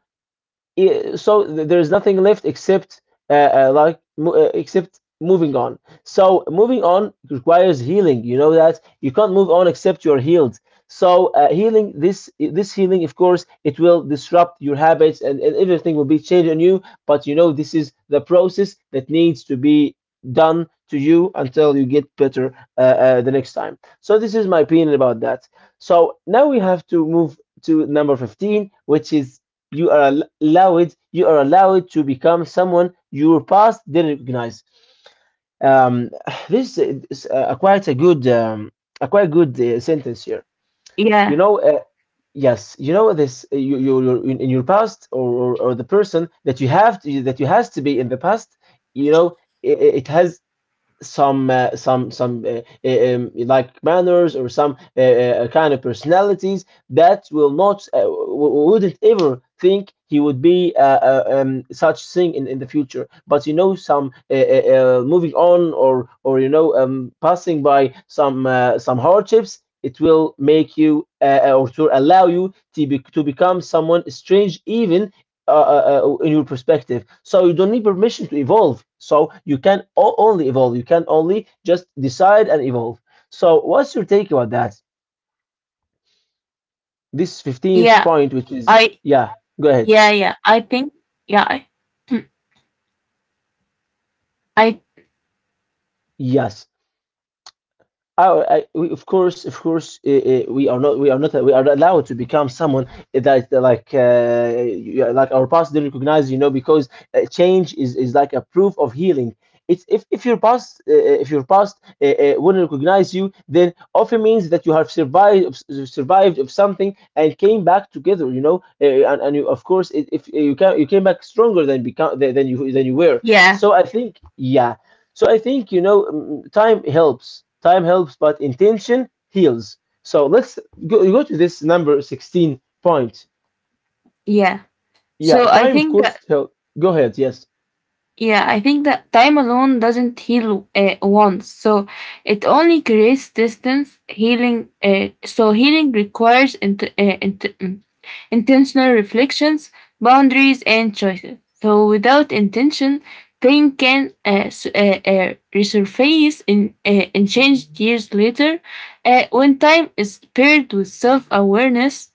yeah, so th- there is nothing left except uh, uh, like mo- uh, except moving on. So moving on requires healing. You know that you can't move on except you're healed. So uh, healing this this healing, of course, it will disrupt your habits and, and everything will be changed on you. But you know this is the process that needs to be done to you until you get better uh, uh, the next time. So this is my opinion about that. So now we have to move to number fifteen, which is you are al- allowed you are allowed to become someone your past didn't recognize. um, [sighs] this is uh, quite a good um, a quite good uh, sentence here, you yeah, know uh, yes, you know this uh, you, you, you in, in your past or, or, or the person that you have to, that you has to be in the past, you know, it, it has some uh, some some uh, uh, um, like manners or some uh, uh, uh, kind of personalities that will not uh, w- wouldn't ever think he would be uh, uh, um, such thing in, in the future, but you know some uh, uh, uh, moving on or or you know um, passing by some uh, some hardships, it will make you uh, uh, or to allow you to, be, to become someone strange even uh, uh, uh, in your perspective. So you don't need permission to evolve. So you can o- only evolve. You can only just decide and evolve. So what's your take about that? This fifteenth yeah. point, which I is, yeah, yeah, go yeah. ahead. I think yeah. Mm, I Yes. Oh, I, we, of course, of course, uh, uh, we are not, we are not, we are not allowed to become someone that uh, like, uh, you- like our past didn't recognize, you know, because uh, change is, is like a proof of healing. It's if, if your past, uh, uh, if your past uh, uh, wouldn't recognize you, then often means that you have survived, of s- survived of something and came back together, you know, uh, and, and you, of course, if if uh, you can, you came back stronger than become than than you than you were. yeah, So I think, yeah. So I think you know mm, time helps. Time helps, but intention heals. So let's go, go to this number sixteen point. yeah. Yeah, So I time of think that course help. Go ahead. Yes. yeah, I think that time alone doesn't heal uh, once. So it only creates distance healing. Uh, so healing requires int- uh, int- mm, intentional reflections, boundaries, and choices. So without intention, pain can uh, s- uh, uh, resurface in uh, and change years later. Uh, when time is paired with self awareness,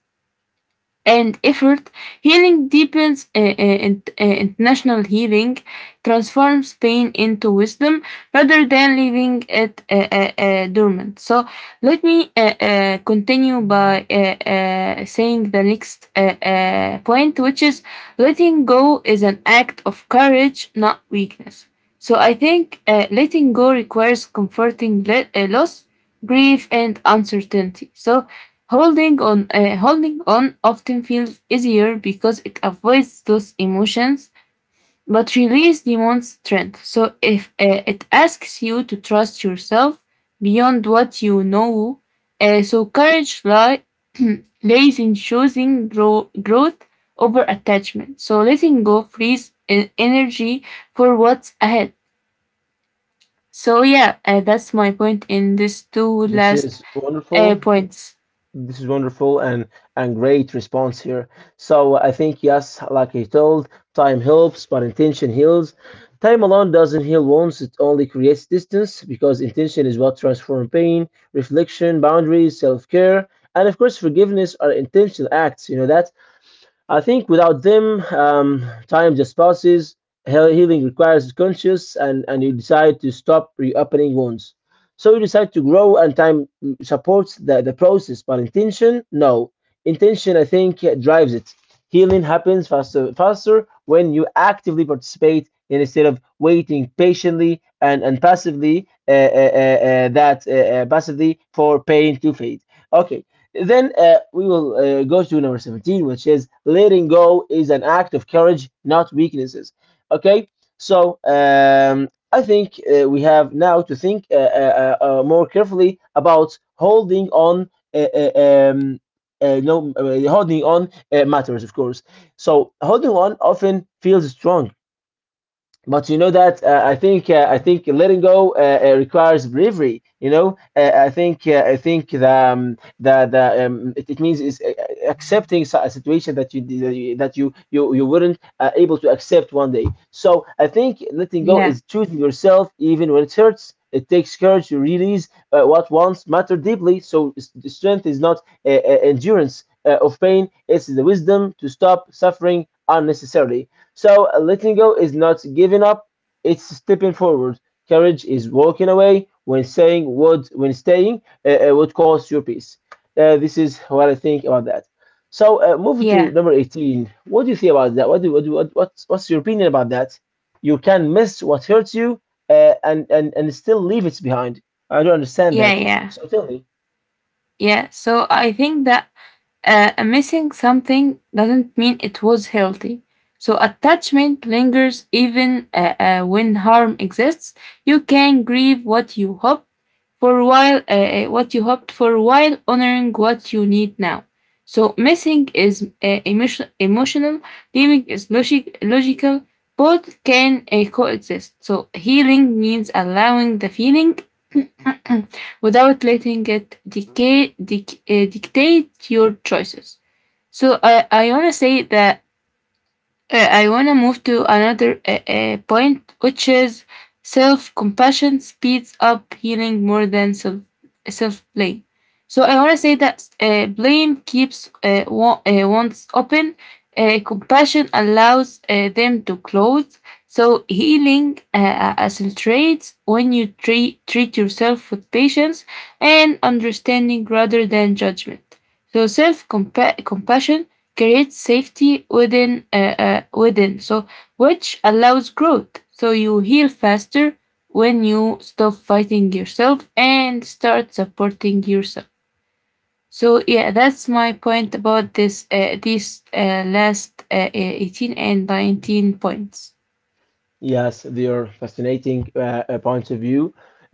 and effort, healing deepens uh, uh, int- uh, international healing, transforms pain into wisdom rather than leaving it uh, uh, uh, dormant. So let me uh, uh, continue by uh, uh, saying the next uh, uh, point, which is letting go is an act of courage, not weakness. So I think uh, letting go requires comforting le- uh, loss, grief, and uncertainty. So Holding on, uh, holding on often feels easier because it avoids those emotions, but release demands strength. So if uh, it asks you to trust yourself beyond what you know, uh, so courage li- [clears throat] lays in choosing grow- growth over attachment. So letting go frees en- energy for what's ahead. So yeah, uh, that's my point in these two This last is uh, wonderful. points. This is wonderful and and great response here. So I think yes, like I told, time helps, but intention heals. Time alone doesn't heal wounds; it only creates distance because intention is what transforms pain, reflection, boundaries, self care, and of course forgiveness are intentional acts. You know that I think without them, um, time just passes. Heal- Healing requires conscious, and, and you decide to stop reopening wounds. So you decide to grow, and time supports the, the process. But intention, no. Intention, I think, drives it. Healing happens faster, faster when you actively participate and instead of waiting patiently and, and passively uh, uh, uh, uh, that uh, uh, passively for pain to fade. Okay, then uh, we will uh, go to number seventeen, which is letting go is an act of courage, not weaknesses. Okay, so um, I think uh, we have now to think uh, uh, uh, uh, more carefully about holding on. Uh, uh, um, uh, no, uh, Holding on uh, matters, of course. So holding on often feels strong, but you know that uh, I think uh, I think letting go uh, uh, requires bravery. You know, uh, I think uh, I think the um, the, the um, it, it means is uh, uh, accepting si- a situation that you that you that you you, you weren't uh, able to accept one day. So I think letting go Yeah, is choosing yourself even when it hurts. It takes courage to release uh, what once mattered deeply. So s- the strength is not uh, uh, endurance uh, of pain; it's the wisdom to stop suffering unnecessarily. So uh, letting go is not giving up, it's stepping forward. Courage is walking away when saying what when staying uh, uh, would cost your peace. Uh, this is what I think about that. So uh, moving to yeah, number eighteen. What do you think about that? What do, what, do, what what's, what's your opinion about that? You can miss what hurts you uh, and, and and still leave it behind. I don't understand yeah, that. yeah. So tell me. Yeah, so I think that uh, missing something doesn't mean it was healthy. So attachment lingers even uh, uh, when harm exists. You can grieve what you hoped for a while, uh, uh, what you hoped for while honoring what you need now. So missing is uh, emotion- emotional, leaving is logic- logical. Both can uh, coexist. So healing means allowing the feeling [clears throat] without letting it dictate dic- uh, dictate your choices. So I I wanna say that uh, I want to move to another uh, uh, point, which is self compassion speeds up healing more than self self blame. So I want to say that uh, blame keeps uh, wa- uh, wounds open. Uh, compassion allows uh, them to close. So healing uh, uh, accentuates when you treat treat yourself with patience and understanding rather than judgment. So self compassion creates safety within uh, uh, within, so which allows growth, so you heal faster when you stop fighting yourself and start supporting yourself. So yeah, that's my point about this uh, these uh, last uh, uh, eighteen and nineteen points. Yes, they are fascinating uh, uh, points of view.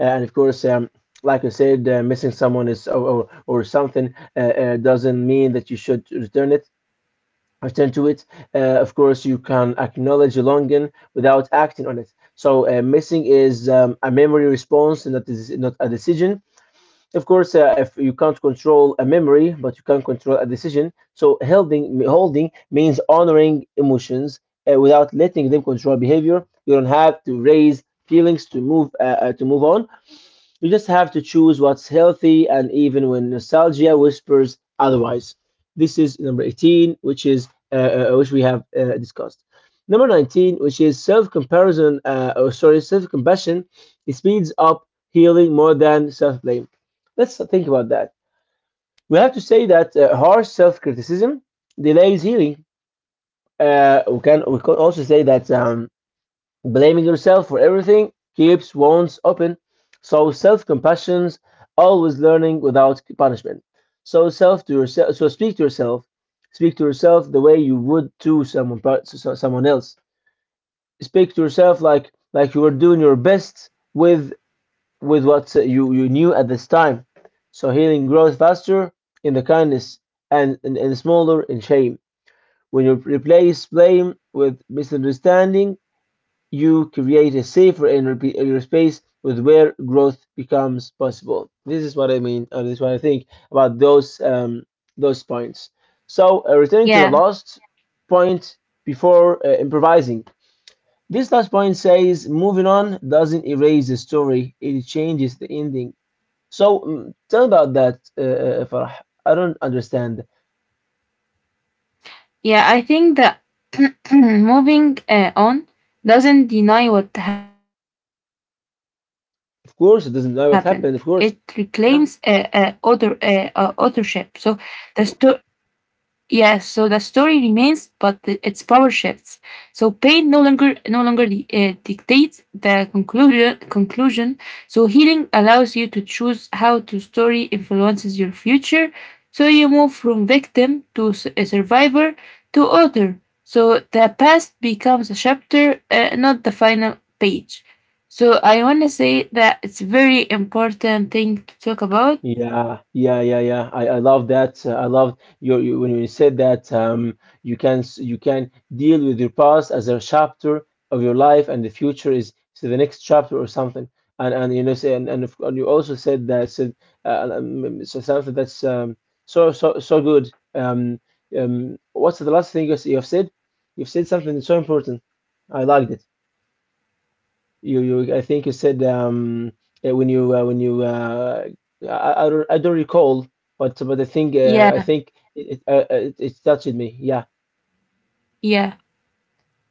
Uh, and of course, um, like I said, uh, missing someone is or or, or something uh, uh, doesn't mean that you should return it, return to it. Uh, of course, you can acknowledge a longing without acting on it. So, uh, missing is um, a memory response, and that is not a decision. Of course, uh, if you can't control a memory, but you can control a decision. So holding holding means honoring emotions uh, without letting them control behavior. You don't have to raise feelings to move uh, uh, to move on. You just have to choose what's healthy, and even when nostalgia whispers otherwise. This is number eighteen, which is uh, uh, uh, which we have uh, discussed. Number nineteen, which is self-comparison, uh, or sorry, self-compassion, it speeds up healing more than self-blame. Let's think about that. We have to say that uh, harsh self-criticism delays healing. Uh, we can we can also say that um, blaming yourself for everything keeps wounds open. So self-compassion's always learning without punishment. So self to yourself. So speak to yourself. Speak to yourself the way you would to someone to so- so, someone else. Speak to yourself like like you were doing your best with with what you you knew at this time. So healing grows faster in the kindness and and, and smaller in shame. When you replace blame with misunderstanding you create a safer inner in space with where growth becomes possible. This is what I mean, or this is what I think about those um, those points. So uh, returning to the Yeah, last point before uh, improvising. This last point says moving on doesn't erase the story; it changes the ending. So mm, tell about that, uh, uh, Farah. I don't understand. yeah, I think that [clears throat] moving uh, on doesn't deny what happened, it reclaims uh, Of uh, course, it author, doesn't know what uh, uh, happened. Of course, authorship. So yeah. the sto- yeah, so the story remains, but the, its power shifts. So pain no longer no longer di- uh, dictates the conclusion. Conclusion. So healing allows you to choose how to story influences your future. So you move from victim to s- a survivor to author. So the past becomes a chapter, uh, not the final page. So I want to say that it's very important thing to talk about. Yeah, yeah, yeah, yeah. I, I love that. Uh, I love your you, when you said that um, you can s- you can deal with your past as a chapter of your life, and the future is so the next chapter or something. And and you know say and and, if, and you also said that said uh, um, so something that's um, so so so good. Um, um, what's the last thing you s- you've said? You've said something so important. I liked it. You, you, I think you said um, uh, when you, uh, when you, uh, I, I don't, I don't recall, but but I think, uh, I Yeah, think it, it, uh, uh, it, it touched me. Yeah. yeah.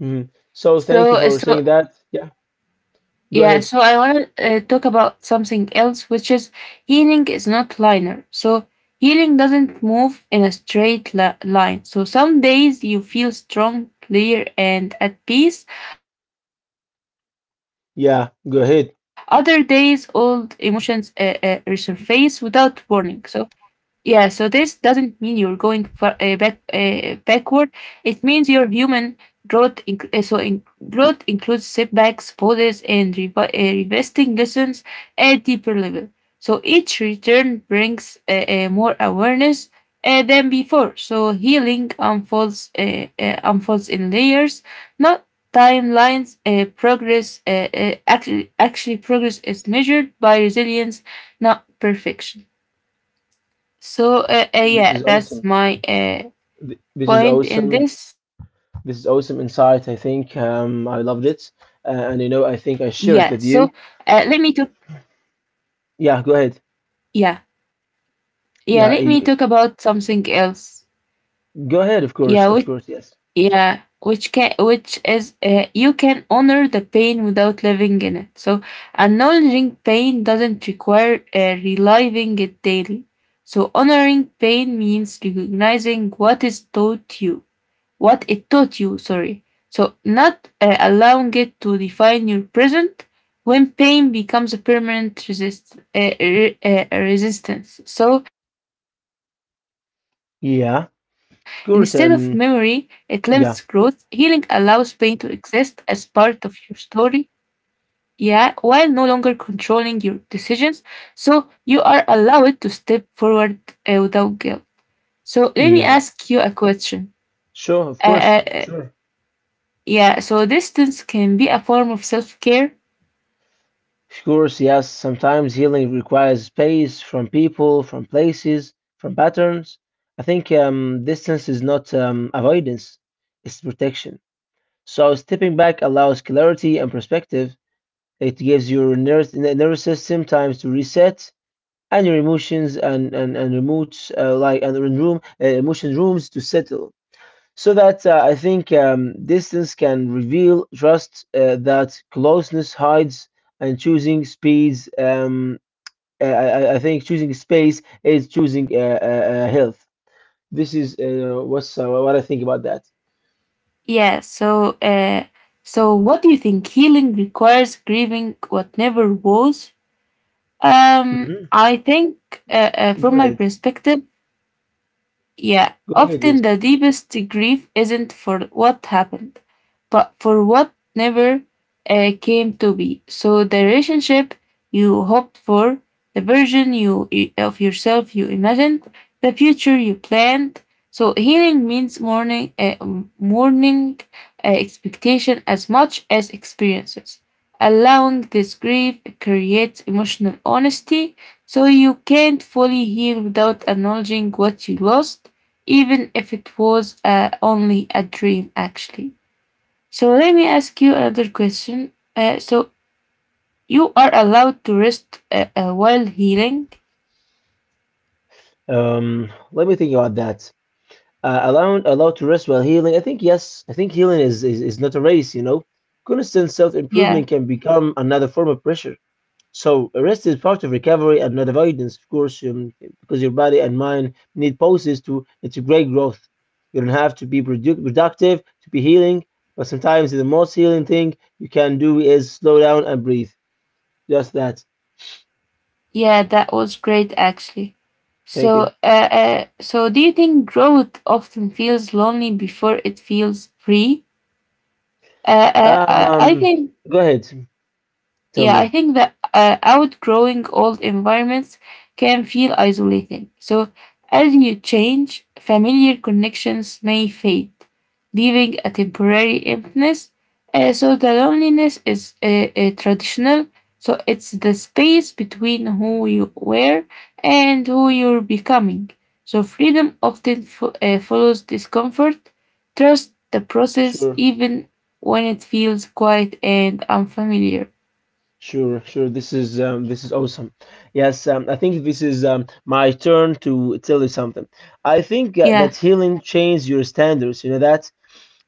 Mhm. So thank you So, for so saying that. Yeah. Go yeah, ahead. so I want to uh, talk about something else, which is healing is not linear. So, healing doesn't move in a straight li- line. So, some days you feel strong, clear, and at peace. Other days, old emotions Yeah. uh, Go uh, ahead. resurface without warning. So, yeah, so this doesn't mean you're going far, uh, back uh, backward. It means your human growth inc- uh, so in- growth includes setbacks, pauses, and revi- uh, revisiting lessons at deeper level. So each return brings uh, uh, more awareness uh, than before. So healing unfolds uh, uh, unfolds in layers, not timelines. Uh, progress uh, uh, actually, actually, progress is measured by resilience, not perfection. So uh, uh, This yeah, is that's awesome. my uh, Th- This is point in awesome. this. This is awesome insight. I think Yeah. um, I So loved it, uh, let uh, me talk. and you know, I think I share it with you. Yeah. Go ahead. Yeah, yeah. Let Yeah. me talk y- about something else. Go ahead. Of Yeah, course. Of which course. Yes. yeah, which can which is uh, you can honor the pain without living in it. So acknowledging pain doesn't require uh, reliving it daily. So honoring pain means recognizing what is taught you what it taught you, sorry. So, not uh, allowing it to define your present when pain becomes a permanent resist, uh, re- uh, resistance. So, instead of memory, it limits Yeah. growth. Of Healing course. allows And pain to exist as yeah. part of your story. Yeah, while no longer controlling your decisions. So, you are allowed to step forward uh, without guilt. So, let me Yeah. ask you a question. Sure, of Uh, course, uh, sure. Yeah, so distance can be a form of self care. Of course, yes, sometimes healing requires space from people, from places, from patterns. I think um, distance is not um, avoidance, it's protection. So stepping back allows clarity and perspective. It gives your nervous, nervous system time to reset and your emotions and, and, and remotes, uh, like, and room, uh, emotion rooms to settle. So that uh, I think um, distance can reveal trust uh, that closeness hides, and choosing speeds. Um, I, I, I think choosing space is choosing uh, uh, uh, health. This is uh, what's uh, what I think about that. Yeah, so uh, so what do you think? Healing requires grieving what never was. Um, Mm-hmm. I think, uh, uh, Go from my ahead. perspective, yeah, Go ahead. Yes. often the deepest grief isn't for what happened, but for what never uh, came to be. So the relationship you hoped for, the version you of yourself you imagined, the future you planned. So healing means mourning, uh, mourning uh, expectation as much as experiences. Allowing this grief creates emotional honesty, so you can't fully heal without acknowledging what you lost, even if it was uh, only a dream, actually. So let me ask you another question. Uh, so you are allowed to rest uh, uh, while healing? Um, let me think about that. Uh, allowing Allowed to rest while healing. I think yes. I think healing is is, is not a race. You know, constant self Yeah, improvement can become another form of pressure. So rest is part of recovery and not avoidance, of course, um, because your body and mind need pauses to integrate growth. You don't have to be produ- productive to be healing, but sometimes the most healing thing you can do is slow down and breathe. Just that. yeah, that was great, actually. Thank you. So, uh, uh, so do you think growth often feels lonely before it feels free? Uh, uh, I I Um, think Go ahead. Tell yeah, I me. think that uh, outgrowing old environments can feel isolating. So, as you change, familiar connections may fade, leaving a temporary emptiness. Uh, so, the loneliness is uh, uh, traditional. So, it's the space between who you were and who you're becoming. So, freedom often fo- uh, follows discomfort. Trust the process, Sure, even when it feels quiet and unfamiliar. sure, sure. This is um, this is awesome. Yes, um, I think this is um, my turn to tell you something. I think uh, Yeah, that healing changes your standards. You know that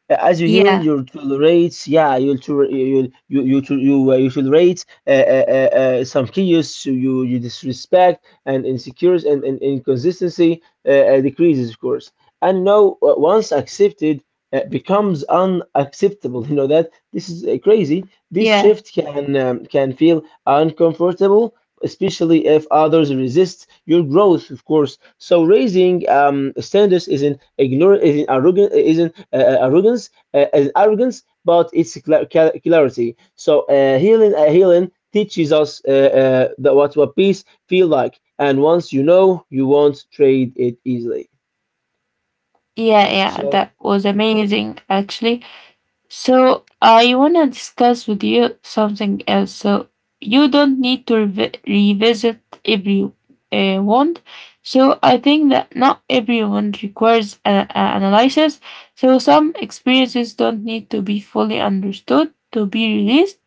as you heal, yeah, you'll tolerate. Yeah, you'll to, you'll you you to, you uh, you tolerate uh, uh, uh, uh, some chaos. You you disrespect and insecurities and, and inconsistency uh, uh, decreases, of course. And now, uh, once accepted, uh, becomes unacceptable. [laughs] You know that this is uh, crazy. This yeah, shift can um, can feel uncomfortable especially if others resist your growth, of course. So raising um, standards isn't ignorant, isn't arrogant, isn't uh, uh, arrogance, uh, is arrogance, but it's cla- cla- clarity. So uh, healing, uh, healing teaches us uh, uh, that what what peace feel like, and once you know, you won't trade it easily. yeah, yeah. So That was amazing, actually. So I want to discuss with you something else. So you don't need to revi- revisit every uh, wand. So I think that not everyone requires an analysis. So some experiences don't need to be fully understood to be released.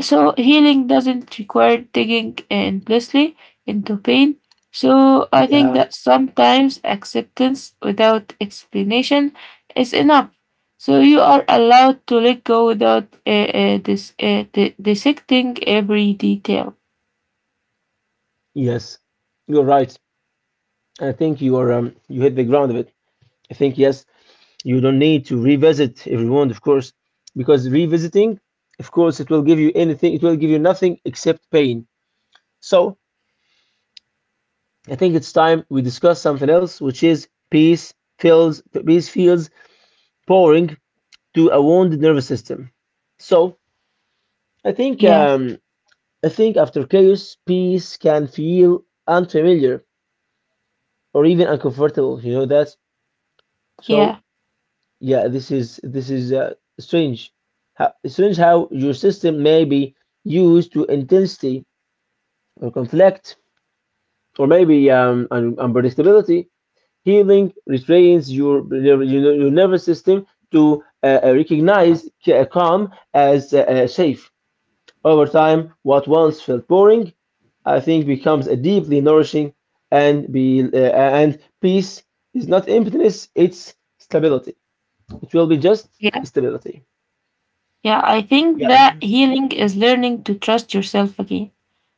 So healing doesn't require digging endlessly into pain. So I think yeah, that sometimes acceptance without explanation is enough. So you are allowed to let go without uh, uh, dis- uh, di- dissecting every detail. yes, you're right. I think you are um, you hit the ground of it. I think yes, you don't need to revisit if you want, of course, because revisiting, of course, it will give you anything, it will give you nothing except pain. So I think it's time we discuss something else, which is peace feels peace feels pouring to a wounded nervous system. So I think Yeah, um, I think after chaos, peace can feel unfamiliar or even uncomfortable. You know that. So yeah, yeah, this is this is uh, strange. How, strange how your system may be used to intensity or conflict or maybe um, un unpredictability. Healing retrains your your, your your nervous system to uh, uh, recognize ca- calm as uh, uh, safe. Over time, what once felt boring, I think becomes a deeply nourishing and be uh, and peace is not emptiness, it's stability. It will be just yeah, stability. yeah. I think Yeah. that healing is learning to trust yourself again.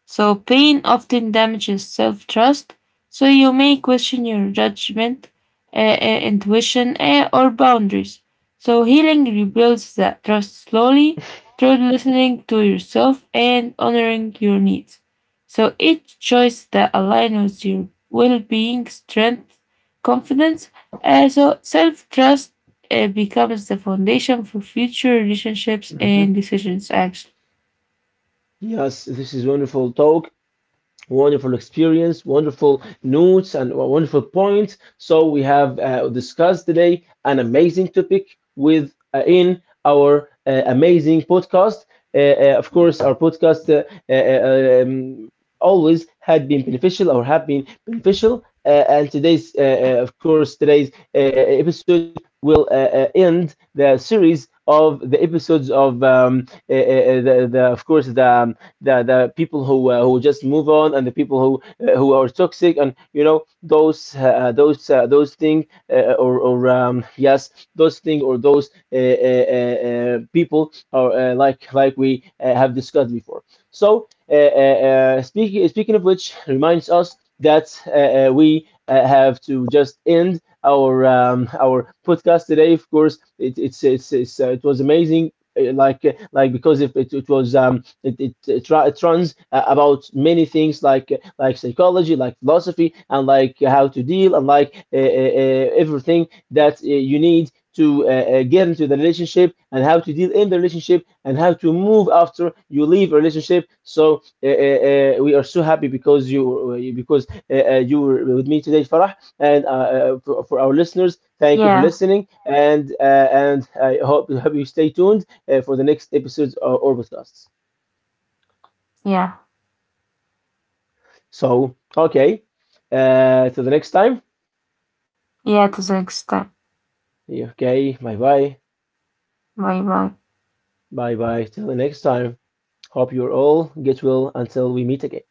So, pain often damages self trust, so you may question your judgment, uh, uh, intuition, uh, or boundaries. So, healing rebuilds that trust slowly through listening to yourself and honoring your needs. So, each choice that aligns with your well being, strength, confidence, uh, so self trust uh, becomes the foundation for future relationships Hmm. and decisions, actually. Yes, this is wonderful talk. Wonderful experience, wonderful notes, and wonderful points. So we have uh, discussed today an amazing topic with uh, in our uh, amazing podcast. Uh, uh, of course, our podcast uh, uh, uh, um, always had been beneficial or have been beneficial. Uh, and today's, uh, uh, of course, today's uh, episode will uh, uh, end the series of the episodes of um, uh, uh, uh, the, the, of course, the um, the the people who uh, who just move on and the people who uh, who are toxic and you know those uh, uh, those uh, those thing uh, or or um, yes those thing or those uh, uh, uh, uh, people are uh, like like we uh, have discussed before. So uh, uh, uh, speaking speaking of which reminds us that uh, uh, we uh, have to just end our um, our podcast today. Of course, it, it's it's, it's uh, it was amazing. Uh, Like uh, like because if it, it was um, it it, it, it runs uh, about many things like uh, like psychology, like philosophy, and like how to deal, and like uh, uh, uh, everything that uh, you need to uh, uh, get into the relationship and how to deal in the relationship and how to move after you leave a relationship. So uh, uh, uh, we are so happy because you uh, because uh, uh, you were with me today, Farah, and uh, uh, for, for our listeners. Thank you Yeah, for listening, and uh, and I hope hope you stay tuned uh, for the next episodes or, or podcasts. yeah, So, okay. Uh, till the next time. yeah, to some extent. Yeah, okay, bye bye. Bye bye. Bye bye. Till the next time. Hope you're all get well until we meet again.